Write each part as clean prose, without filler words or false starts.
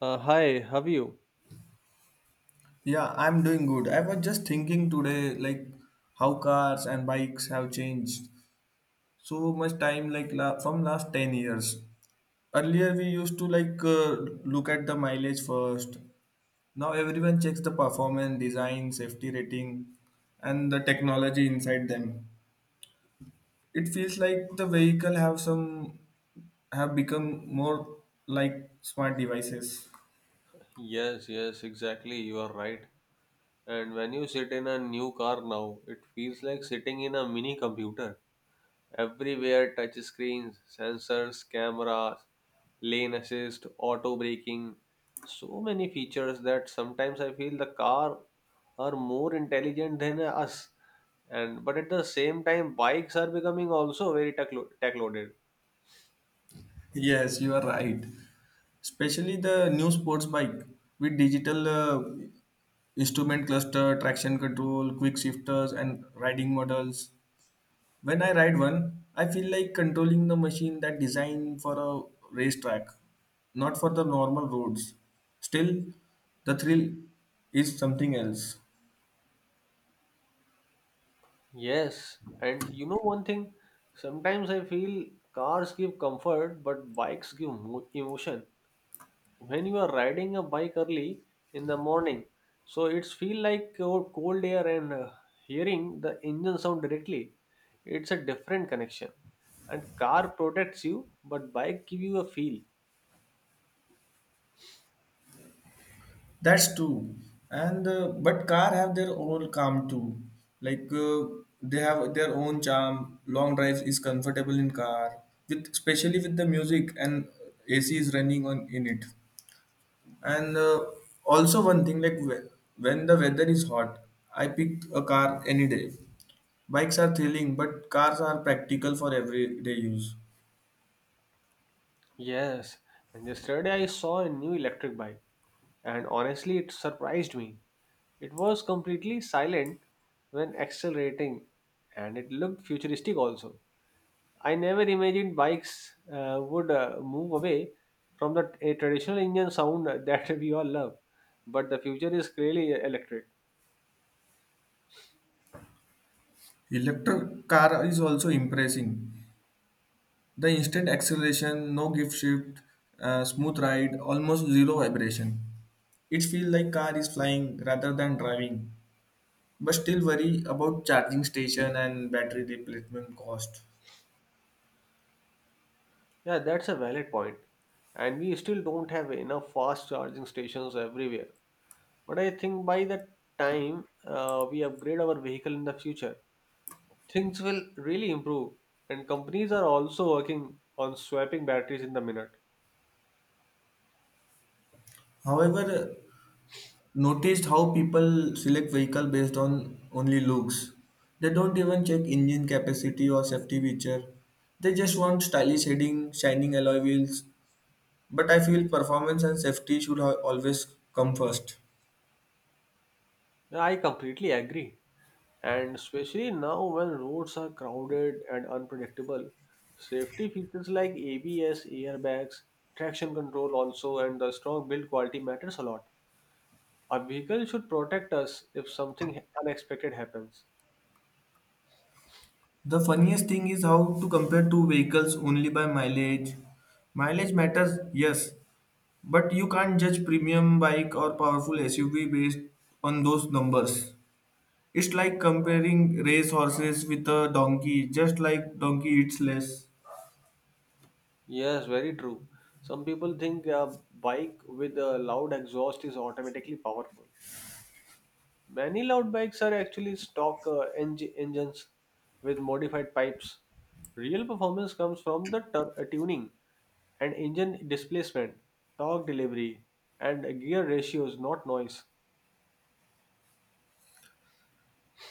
Hi, have you? Yeah, I'm doing good. I was just thinking today, like how cars and bikes have changed so much time, like from last 10 years. Earlier, we used to like look at the mileage first. Now everyone checks the performance, design, safety rating, and the technology inside them. It feels like the vehicle have become more like smart devices. Yes, yes, exactly. You are right. And when you sit in a new car now, it feels like sitting in a mini computer. Everywhere touch screens, sensors, cameras, lane assist, auto braking. So many features that sometimes I feel the car are more intelligent than us. And but at the same time, bikes are becoming also very tech loaded. Yes, you are right, especially the new sports bike with digital instrument cluster, traction control, quick shifters, and riding models. When I ride one, I feel like controlling the machine that designed for a racetrack, not for the normal roads. Still, the thrill is something else. Yes, and you know one thing, sometimes I feel cars give comfort, but bikes give emotion. When you are riding a bike early in the morning, so it's feel like cold air and hearing the engine sound directly. It's a different connection. And car protects you, but bike give you a feel. That's true, and but car have their own calm too. Like they have their own charm. Long drive is comfortable in car, with especially with the music and AC is running on in it. And also one thing like when the weather is hot, I pick a car any day. Bikes are thrilling, but cars are practical for everyday use. Yes, and yesterday I saw a new electric bike, and honestly, it surprised me. It was completely silent when accelerating, and it looked futuristic also. I never imagined bikes would move away from the a traditional engine sound that we all love, but the future is clearly electric. Electric car is also impressive. The instant acceleration, no gift shift, smooth ride, almost zero vibration. It feels like car is flying rather than driving, but still worry about charging station and battery replacement cost. Yeah, that's a valid point, and we still don't have enough fast charging stations everywhere. But I think by the time we upgrade our vehicle in the future, things will really improve. And companies are also working on swapping batteries in the minute. However, noticed how people select vehicle based on only looks. They don't even check engine capacity or safety feature. They just want stylish heading, shining alloy wheels. But I feel performance and safety should always come first. I completely agree. And especially now when roads are crowded and unpredictable, safety features like ABS, airbags, traction control also, and the strong build quality matters a lot. A vehicle should protect us if something unexpected happens. The funniest thing is how to compare two vehicles only by mileage. Mileage matters, yes, but you can't judge premium bike or powerful SUV based on those numbers. It's like comparing race horses with a donkey, just like donkey eats less. Yes, very true. Some people think a bike with a loud exhaust is automatically powerful. Many loud bikes are actually stock engines with modified pipes. Real performance comes from the tuning and engine displacement, torque delivery, and gear ratios, not noise.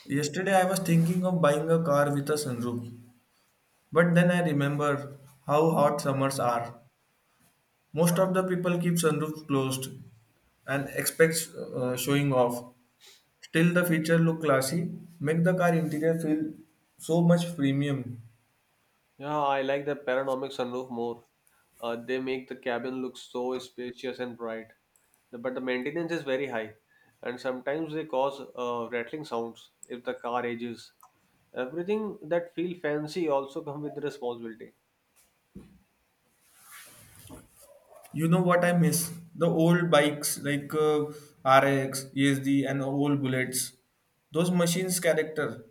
Yesterday I was thinking of buying a car with a sunroof, but then I remember how hot summers are. Most of the people keep sunroofs closed and expects showing off. Still, the feature look classy, make the car interior feel so much premium. Yeah, I like the panoramic sunroof more. They make the cabin look so spacious and bright. But the maintenance is very high, and sometimes they cause rattling sounds if the car ages. Everything that feel fancy also come with the responsibility. You know what I miss? The old bikes like RX, and old bullets. Those machines' character,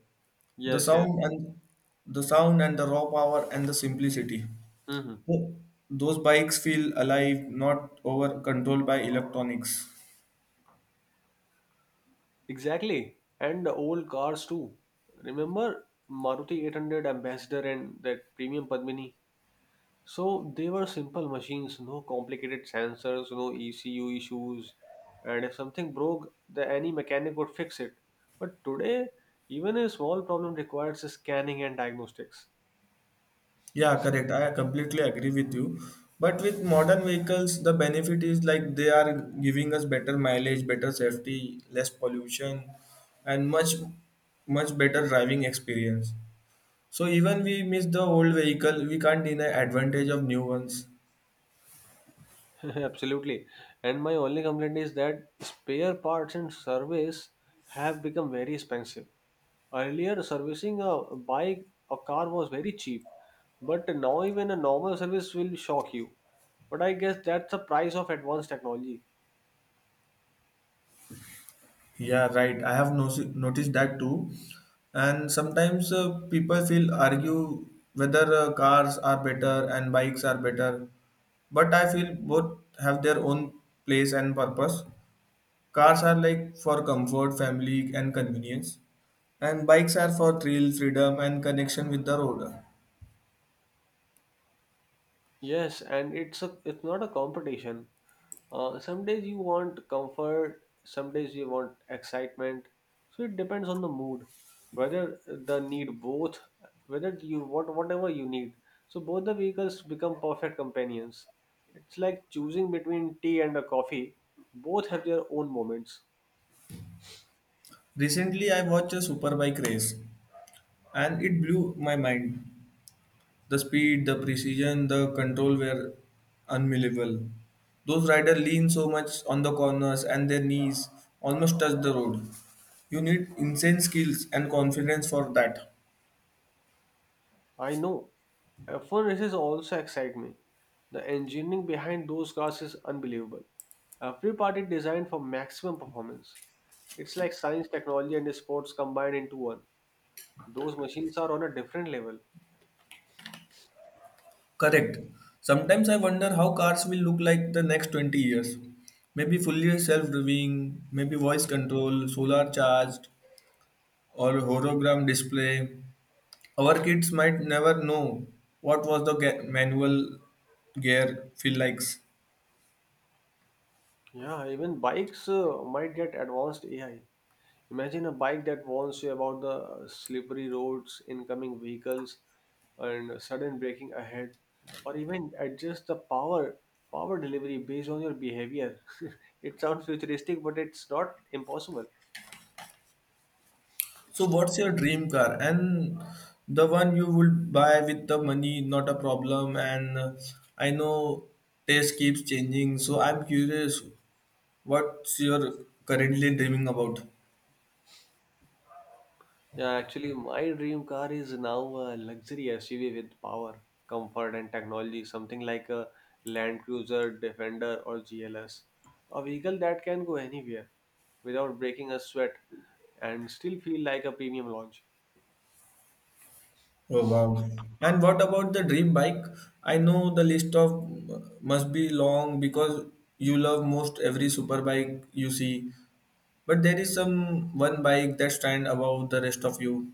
the Yes, yes. sound and the sound and the raw power and the simplicity. Hmm. Tho- Those bikes feel alive, not over controlled by electronics. Exactly. And the old cars too. Remember Maruti 800 Ambassador and that premium Padmini? So they were simple machines, no complicated sensors, no ECU issues, and if something broke, the any mechanic would fix it. But today, even a small problem requires scanning and diagnostics. Yeah, correct. I completely agree with you. But with modern vehicles, the benefit is like they are giving us better mileage, better safety, less pollution, and much better driving experience. So even we miss the old vehicle, we can't deny advantage of new ones. Absolutely. And my only complaint is that spare parts and service have become very expensive. Earlier, servicing a bike or car was very cheap, but now even a normal service will shock you. But I guess that's the price of advanced technology. Yeah, right. I have noticed that too. And sometimes people feel argue whether cars are better and bikes are better. But I feel both have their own place and purpose. Cars are like for comfort, family, and convenience, and bikes are for thrill, freedom, and connection with the road. Yes, and it's not a competition. Some days you want comfort, some days you want excitement. So it depends on the mood, whether the need both, whether you want whatever you need. So both the vehicles become perfect companions. It's like choosing between tea and a coffee. Both have their own moments. Recently, I watched a superbike race, and it blew my mind. The speed, the precision, the control were unbelievable. Those riders lean so much on the corners, and their knees almost touch the road. You need insane skills and confidence for that. I know. F1 races also excite me. The engineering behind those cars is unbelievable. Every part is designed for maximum performance. It's like science, technology, and sports combined into one. Those machines are on a different level. Correct. Sometimes I wonder how cars will look like the next 20 years. Maybe fully self driving, maybe voice control, solar charged, or hologram display. Our kids might never know what was the manual gear feel like. Yeah, even bikes might get advanced AI. Imagine a bike that warns you about the slippery roads, incoming vehicles, and sudden braking ahead, or even adjust the power delivery based on your behavior. It sounds futuristic, but it's not impossible. So, what's your dream car? And the one you would buy with the money, not a problem. And I know taste keeps changing, so I'm curious what's your currently dreaming about? Yeah, actually, my dream car is now a luxury SUV with power, comfort, and technology, something like a Land Cruiser, Defender, or GLS. A vehicle that can go anywhere without breaking a sweat and still feel like a premium launch. Oh wow! And what about the dream bike? I know the list of must be long because you love most every super bike you see, but there is some one bike that stands above the rest of you.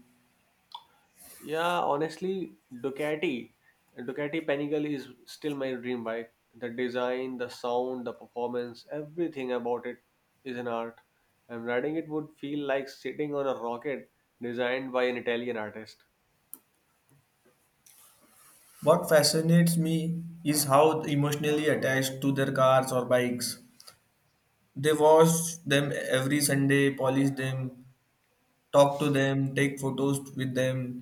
Yeah, honestly, Ducati Panigale is still my dream bike. The design, the sound, the performance, everything about it is an art. And riding it would feel like sitting on a rocket designed by an Italian artist. What fascinates me is how emotionally attached to their cars or bikes. They wash them every Sunday, polish them, talk to them, take photos with them,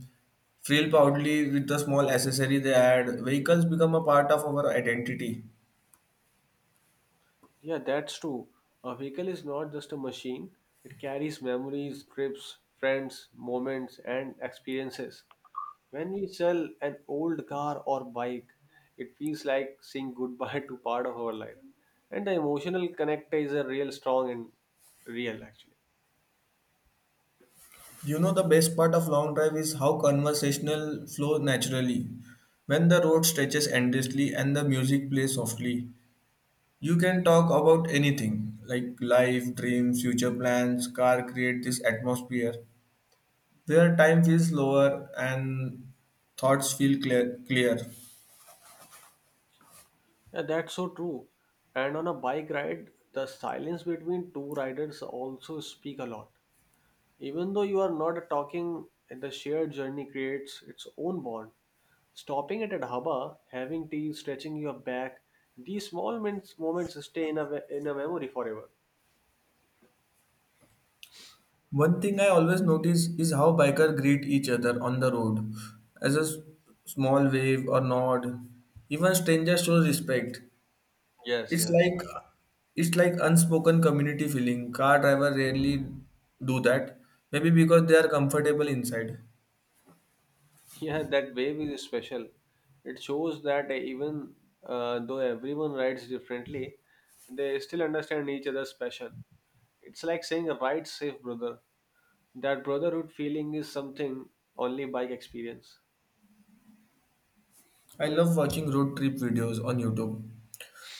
feel proudly with the small accessory they add. Vehicles become a part of our identity. Yeah, that's true. A vehicle is not just a machine, it carries memories, trips, friends, moments, and experiences. When we sell an old car or bike, it feels like saying goodbye to part of our life. And the emotional connect is a real strong and real actually. You know, the best part of long drive is how conversational flow naturally. When the road stretches endlessly and the music plays softly, you can talk about anything like life, dreams, future plans. Car create this atmosphere where time feels slower and thoughts feel clear. Yeah, that's so true. And on a bike ride, the silence between two riders also speak a lot. Even though you are not talking, the shared journey creates its own bond. Stopping at a dhaba, having tea, stretching your back, these small moments stay in in a memory forever. One thing I always notice is how bikers greet each other on the road, as a small wave or nod. Even strangers show respect. Yes, It's yes. like it's like unspoken community feeling. Car driver rarely do that. Maybe because they are comfortable inside. Yeah, that wave is special. It shows that even though everyone rides differently, they still understand each other's passion. It's like saying, Ride safe, brother. That brotherhood feeling is something only bike experience. I love watching road trip videos on YouTube.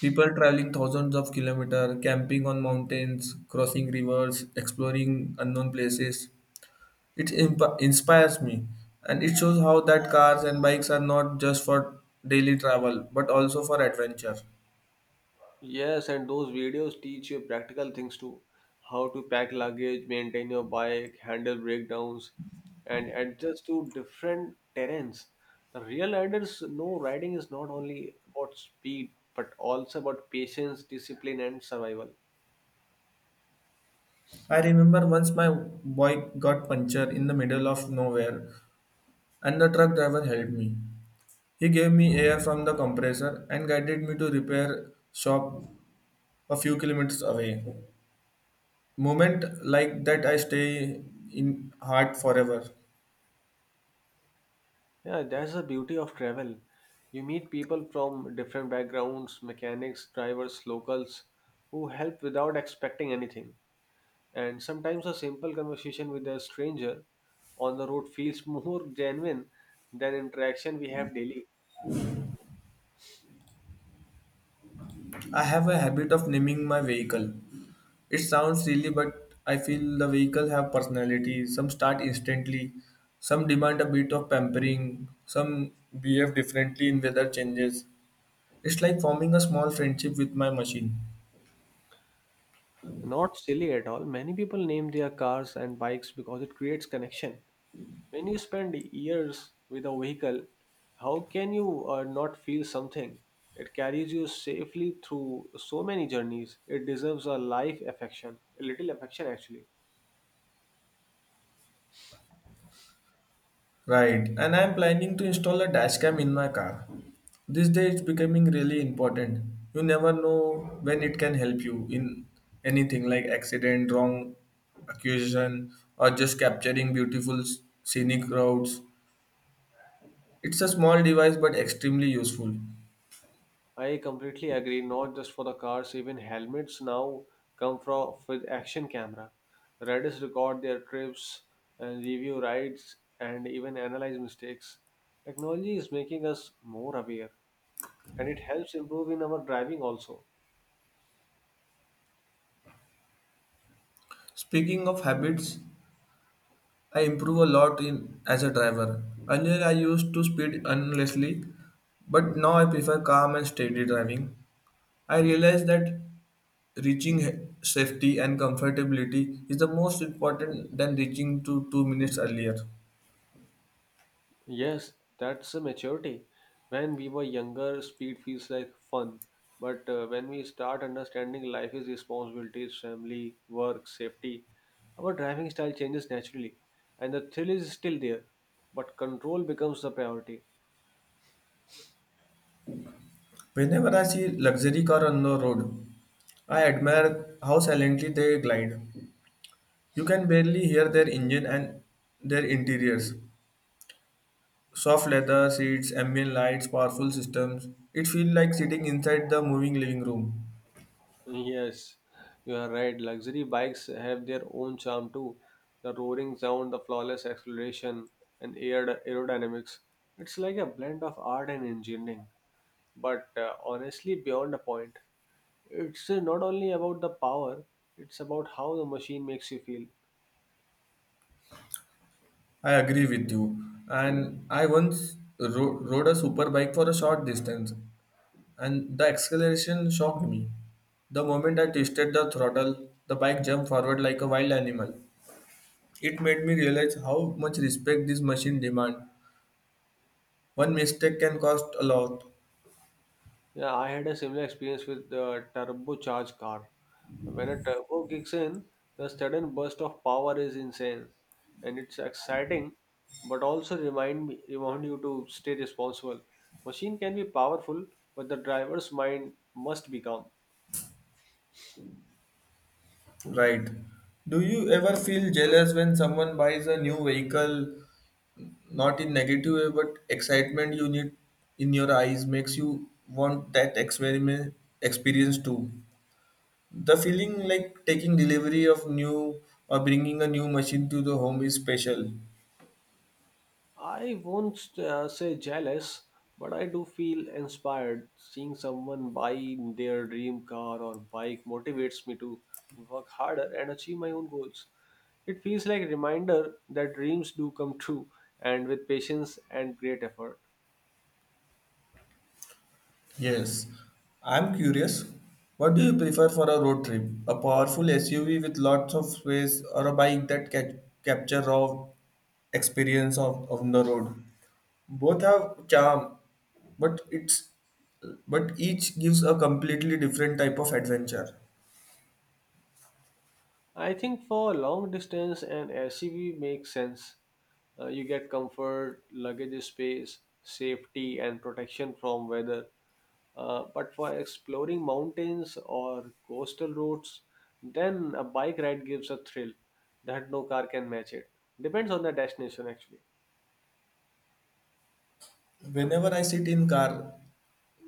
People traveling thousands of kilometers, camping on mountains, crossing rivers, exploring unknown places. It inspires me and it shows how that cars and bikes are not just for daily travel but also for adventure. Yes, and those videos teach you practical things too. How to pack luggage, maintain your bike, handle breakdowns, and adjust to different terrains. The real riders know riding is not only about speed, but also about patience, discipline, and survival. I remember once my bike got punctured in the middle of nowhere. And the truck driver helped me. He gave me air from the compressor and guided me to repair shop a few kilometers away. Moment like that I stay in heart forever. Yeah, that's the beauty of travel. You meet people from different backgrounds, mechanics, drivers, locals, who help without expecting anything. And sometimes a simple conversation with a stranger on the road feels more genuine than interaction we have daily. I have a habit of naming my vehicle. It sounds silly, but I feel the vehicle have personality. Some start instantly, some demand a bit of pampering, some behave differently in weather changes. It's like forming a small friendship with my machine. Not silly at all. Many people name their cars and bikes because it creates connection. When you spend years with a vehicle, how can you not feel something? It carries you safely through so many journeys. It deserves a life affection, a little affection actually. Right, and I'm planning to install a dash cam in my car. These days it's becoming really important. You never know when it can help you in anything like accident, wrong accusation, or just capturing beautiful scenic routes. It's a small device but extremely useful. I completely agree. Not just for the cars, even helmets now come from with action camera. Riders record their trips and review rides and even analyze mistakes. Technology is making us more aware, and it helps improve in our driving also. Speaking of habits, I improve a lot in as a driver. Earlier I used to speed endlessly, but now I prefer calm and steady driving. I realize that reaching safety and comfortability is the most important than reaching to 2 minutes earlier. Yes, that's a maturity. When we were younger, speed feels like fun. But when we start understanding life is responsibilities, family, work, safety, our driving style changes naturally. And the thrill is still there, but control becomes the priority. Whenever I see luxury car on the road, I admire how silently they glide. You can barely hear their engine and their interiors. Soft leather seats, ambient lights, powerful systems. It feels like sitting inside the moving living room. Yes, you are right. Luxury bikes have their own charm too. The roaring sound, the flawless acceleration, and aerodynamics. It's like a blend of art and engineering, but honestly, beyond a point. It's not only about the power, it's about how the machine makes you feel. I agree with you. And I once rode a super bike for a short distance. And the acceleration shocked me. The moment I twisted the throttle, the bike jumped forward like a wild animal. It made me realize how much respect this machine demands. One mistake can cost a lot. Yeah, I had a similar experience with the turbocharged car. When a turbo kicks in, the sudden burst of power is insane and it's exciting, but also remind you to stay responsible. Machine can be powerful, but the driver's mind must be calm. Right. Do you ever feel jealous when someone buys a new vehicle, not in negative way, but excitement you need in your eyes makes you want that experiment experience too? The feeling like taking delivery of new or bringing a new machine to the home is special. I won't say jealous, but I do feel inspired. Seeing someone buy their dream car or bike motivates me to work harder and achieve my own goals. It feels like a reminder that dreams do come true, and with patience and great effort. Yes, I'm curious what do you prefer for a road trip, a powerful SUV with lots of space or a bike that capture raw experience of the road. Both have charm, but it's but each gives a completely different type of adventure. I think for long distance, an SUV makes sense. You get comfort, luggage space, safety, and protection from weather. But for exploring mountains or coastal routes, then a bike ride gives a thrill that no car can match it. Depends on the destination, actually. Whenever I sit in car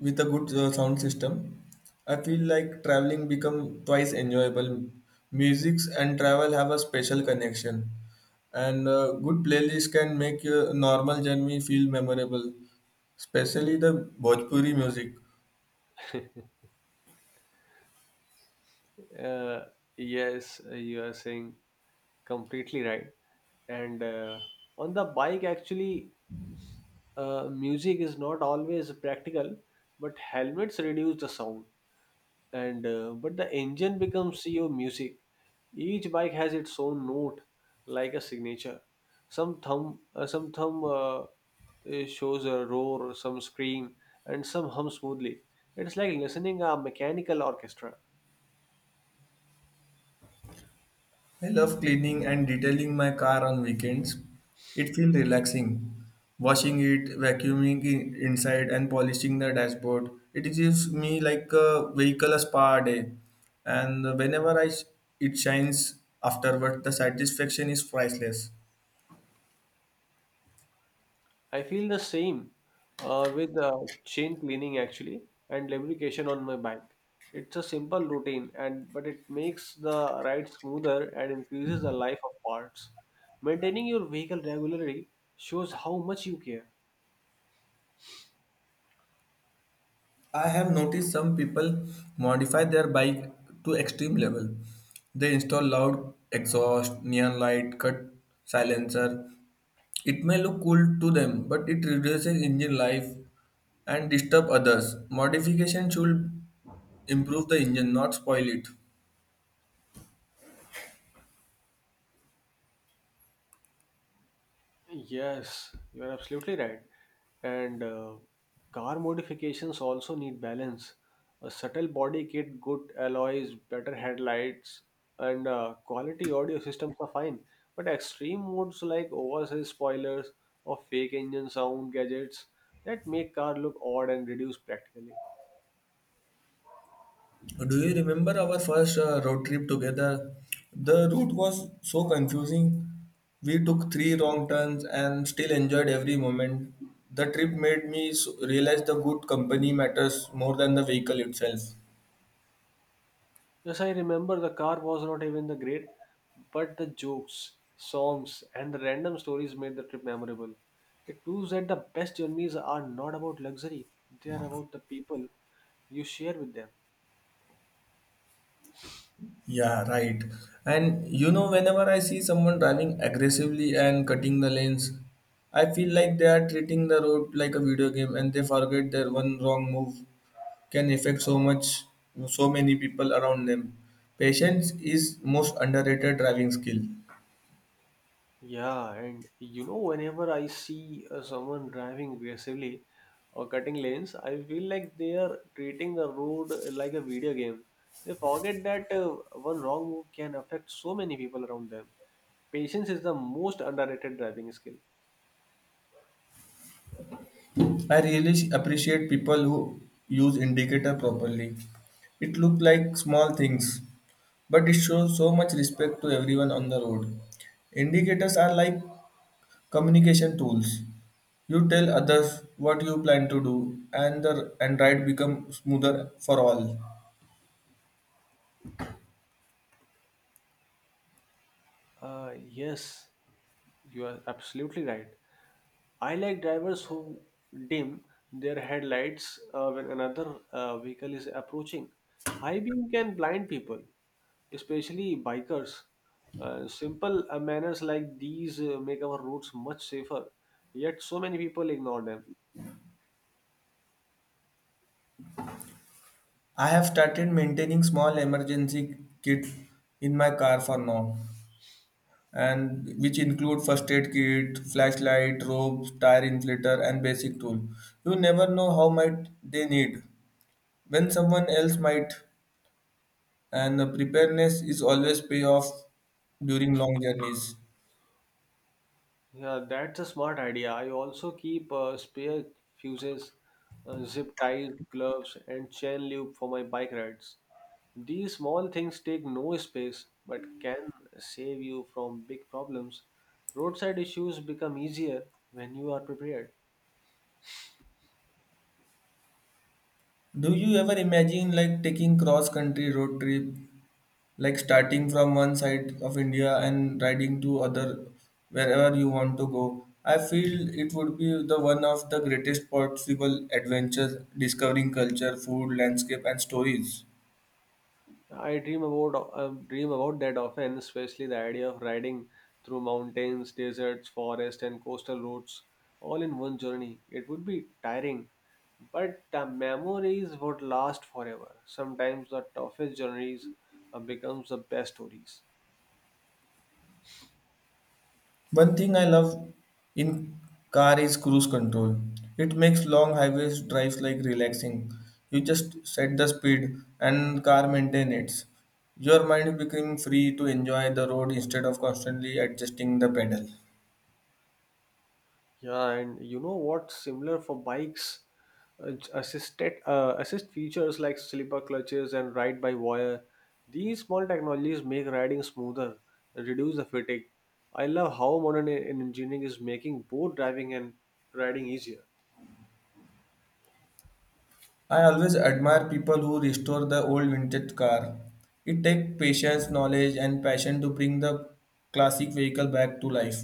with a good sound system, I feel like traveling become twice enjoyable. Musics and travel have a special connection, and good playlist can make your normal journey feel memorable, especially the Bhojpuri music. Uh, yes, you are saying completely right. And on the bike, actually, music is not always practical, but helmets reduce the sound, and but the engine becomes your music. Each bike has its own note, like a signature. Some some thumb shows a roar, some scream, and some hum smoothly. It's like listening a mechanical orchestra. I love cleaning and detailing my car on weekends. It feels relaxing. Washing it, vacuuming it inside, and polishing the dashboard. It gives me like a vehicle a spa day. And whenever it shines afterward, the satisfaction is priceless. I feel the same with chain cleaning actually and lubrication on my bike. It's a simple routine and but it makes the ride smoother and increases the life of parts. Maintaining your vehicle regularly shows how much you care. I have noticed some people modify their bike to extreme level. They install loud exhaust, neon light, cut silencer. It may look cool to them, but it reduces engine life and disturb others. Modification should improve the engine, not spoil it. Yes, you are absolutely right. And car modifications also need balance. A subtle body kit, good alloys, better headlights, and quality audio systems are fine. But extreme modes like oversized spoilers or fake engine sound gadgets that make car look odd and reduce practically. Do you remember our first road trip together? The route was so confusing. We took three wrong turns and still enjoyed every moment. The trip made me realize the good company matters more than the vehicle itself. Yes, I remember the car was not even the great, but the jokes, songs, and the random stories made the trip memorable. It proves that the best journeys are not about luxury, they are about the people you share with them. Yeah, right. And you know, whenever I see someone driving aggressively and cutting the lanes, I feel like they are treating the road like a video game and they forget their one wrong move can affect so much, so many people around them. Patience is most underrated driving skill. Yeah, and you know, whenever I see someone driving aggressively or cutting lanes, I feel like they are treating the road like a video game. They forget that one wrong move can affect so many people around them. Patience is the most underrated driving skill. I really appreciate people who use indicator properly. It looked like small things, but it shows so much respect to everyone on the road. Indicators are like communication tools. You tell others what you plan to do and the and ride become smoother for all. Yes, you are absolutely right. I like drivers who dim their headlights when another vehicle is approaching. High beam can blind people, especially bikers. Simple manners like these make our roads much safer, yet, so many people ignore them. I have started maintaining small emergency kit in my car for now, and which include first aid kit, flashlight, rope, tire inflator and basic tool. You never know how might they need when someone else might, and preparedness is always pay off during long journeys. Yeah, that's a smart idea. I also keep spare fuses, zip ties, gloves, and chain loop for my bike rides. These small things take no space but can save you from big problems. Roadside issues become easier when you are prepared. Do you ever imagine like taking cross-country road trip, like starting from one side of India and riding to other wherever you want to go? I feel it would be the one of the greatest possible adventures, discovering culture, food, landscape, and stories. I dream about that often, especially the idea of riding through mountains, deserts, forests, and coastal roads all in one journey. It would be tiring, but the memories would last forever. Sometimes the toughest journeys becomes the best stories. One thing I love in car is cruise control. It makes long highways drives like relaxing. You just set the speed and car maintain it. Your mind become free to enjoy the road instead of constantly adjusting the pedal. Yeah, and you know what's similar for bikes? Assist features like slipper clutches and ride by wire. These small technologies make riding smoother and reduce the fatigue. I love how modern engineering is making both driving and riding easier. I always admire people who restore the old vintage car. It takes patience, knowledge and passion to bring the classic vehicle back to life.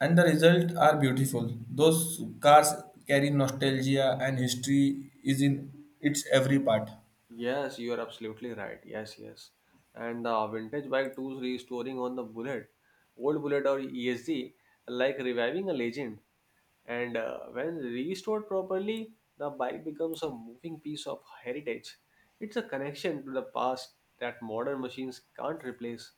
And the result are beautiful. Those cars carry nostalgia and history is in its every part. Yes, you are absolutely right. Yes, yes. And vintage bike tools restoring on the bullet, old bullet or ESD, like reviving a legend. And when restored properly, the bike becomes a moving piece of heritage. It's a connection to the past that modern machines can't replace.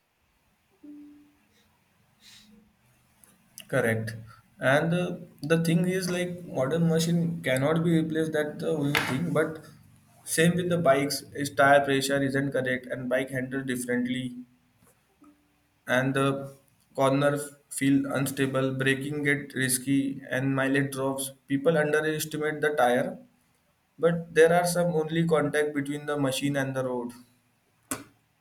Correct. And the thing is like modern machine cannot be replaced that the only thing, but same with the bikes is tire pressure isn't correct and bike handle differently and the corner feel unstable, braking get risky and mileage drops. People underestimate the tire, but there are some only contact between the machine and the road.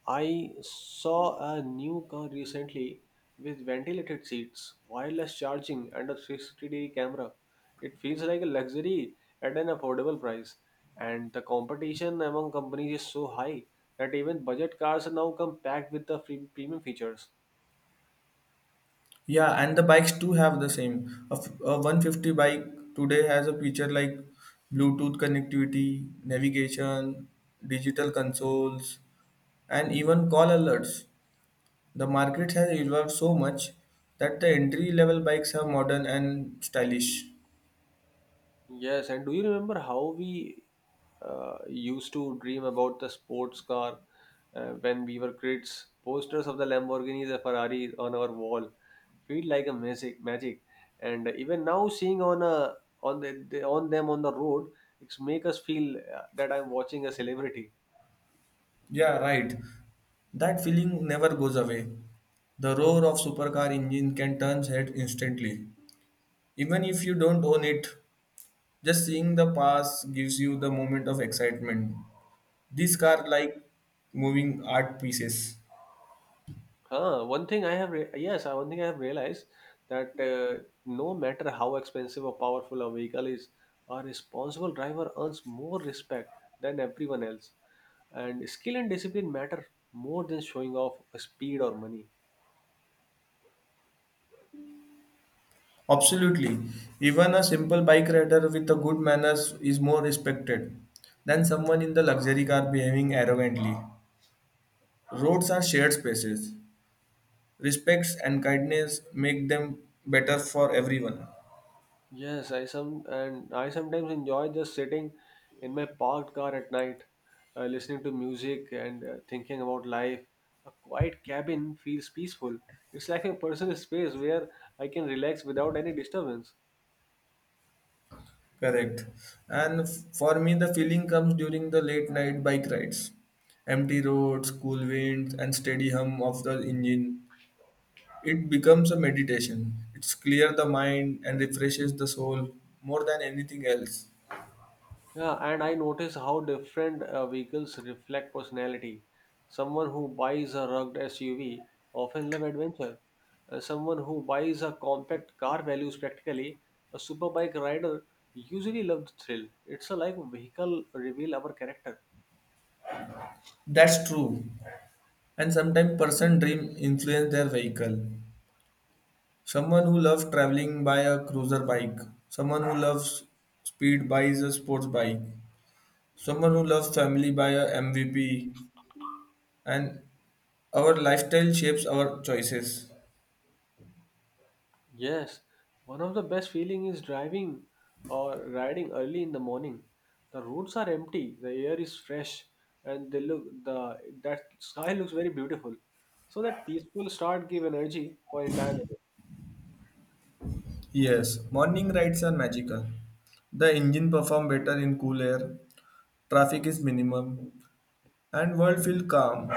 I saw a new car recently with ventilated seats, wireless charging, and a 360-degree camera. It feels like a luxury at an affordable price, and the competition among companies is so high that even budget cars are now come packed with the free premium features. Yeah, and the bikes too have the same. A 150 bike today has a feature like Bluetooth connectivity, navigation, digital consoles, and even call alerts. The market has evolved so much that the entry level bikes are modern and stylish. Yes, and do you remember how we used to dream about the sports car when we were kids? Posters of the Lamborghinis and Ferraris on our wall feel like a magic, magic. And even now, seeing on them on the road, it's make us feel that I'm watching a celebrity. Yeah, right. That feeling never goes away. The roar of supercar engine can turn head instantly, even if you don't own it. Just seeing the past gives you the moment of excitement. These are like moving art pieces. One thing I have realized that no matter how expensive or powerful a vehicle is, a responsible driver earns more respect than everyone else. And skill and discipline matter more than showing off speed or money. Absolutely. Even a simple bike rider with a good manners is more respected than someone in the luxury car behaving arrogantly. Roads are shared spaces. Respects and kindness make them better for everyone. Yes, I sometimes enjoy just sitting in my parked car at night, listening to music and thinking about life. A quiet cabin feels peaceful. It's like a personal space where I can relax without any disturbance. Correct. And for me, the feeling comes during the late night bike rides, empty roads, cool winds, and steady hum of the engine. It becomes a meditation. It's clear the mind and refreshes the soul more than anything else. Yeah, and I notice how different vehicles reflect personality. Someone who buys a rugged SUV often love adventure. Someone who buys a compact car values practically. A superbike rider usually loves the thrill. It's a like vehicle reveal our character. That's true. And sometimes person dream influence their vehicle. Someone who loves traveling by a cruiser bike. Someone who loves speed buys a sports bike. Someone who loves family by a MVP. And our lifestyle shapes our choices. Yes, one of the best feeling is driving or riding early in the morning. The roads are empty, the air is fresh, and they look the that sky looks very beautiful. So that peaceful start give energy for entire day. Yes, morning rides are magical. The engine perform better in cool air. Traffic is minimum and world feel calm.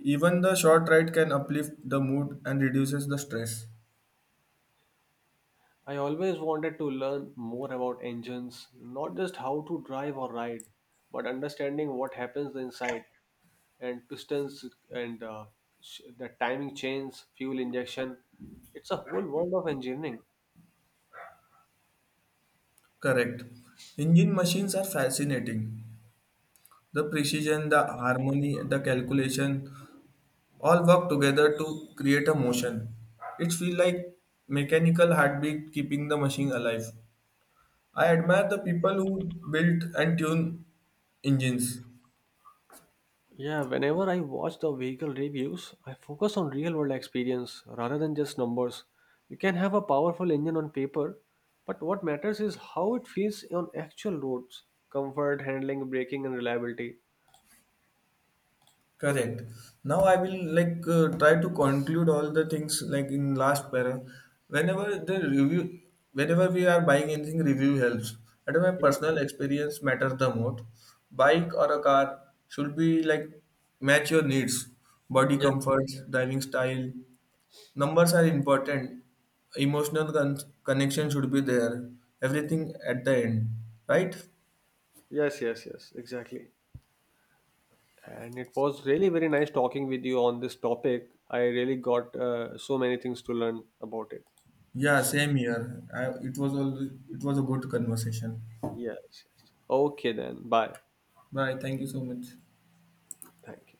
Even the short ride can uplift the mood and reduces the stress. I always wanted to learn more about engines, not just how to drive or ride, but understanding what happens inside and pistons and the timing chains, fuel injection. It's a whole world of engineering. Correct. Engine machines are fascinating. The precision, the harmony, the calculation all work together to create a motion. It feels like mechanical heartbeat keeping the machine alive. I admire the people who built and tune engines. Yeah, whenever I watch the vehicle reviews, I focus on real world experience rather than just numbers. You can have a powerful engine on paper, but what matters is how it feels on actual roads comfort, handling, braking, and reliability. Correct. Now I will like try to conclude all the things like in last para. Whenever the review, whenever we are buying anything, review helps. And my personal Yes, experience matters the most. Bike or a car should be like match your needs, body yes, comfort, driving style. Numbers are important. Emotional connection should be there. Everything at the end, right? yes, exactly. And it was really very nice talking with you on this topic. I really got so many things to learn about it. Yeah, same here. It was all. It was a good conversation. Yes, yes. Okay, then. Bye. Bye. Thank you so much. Thank you.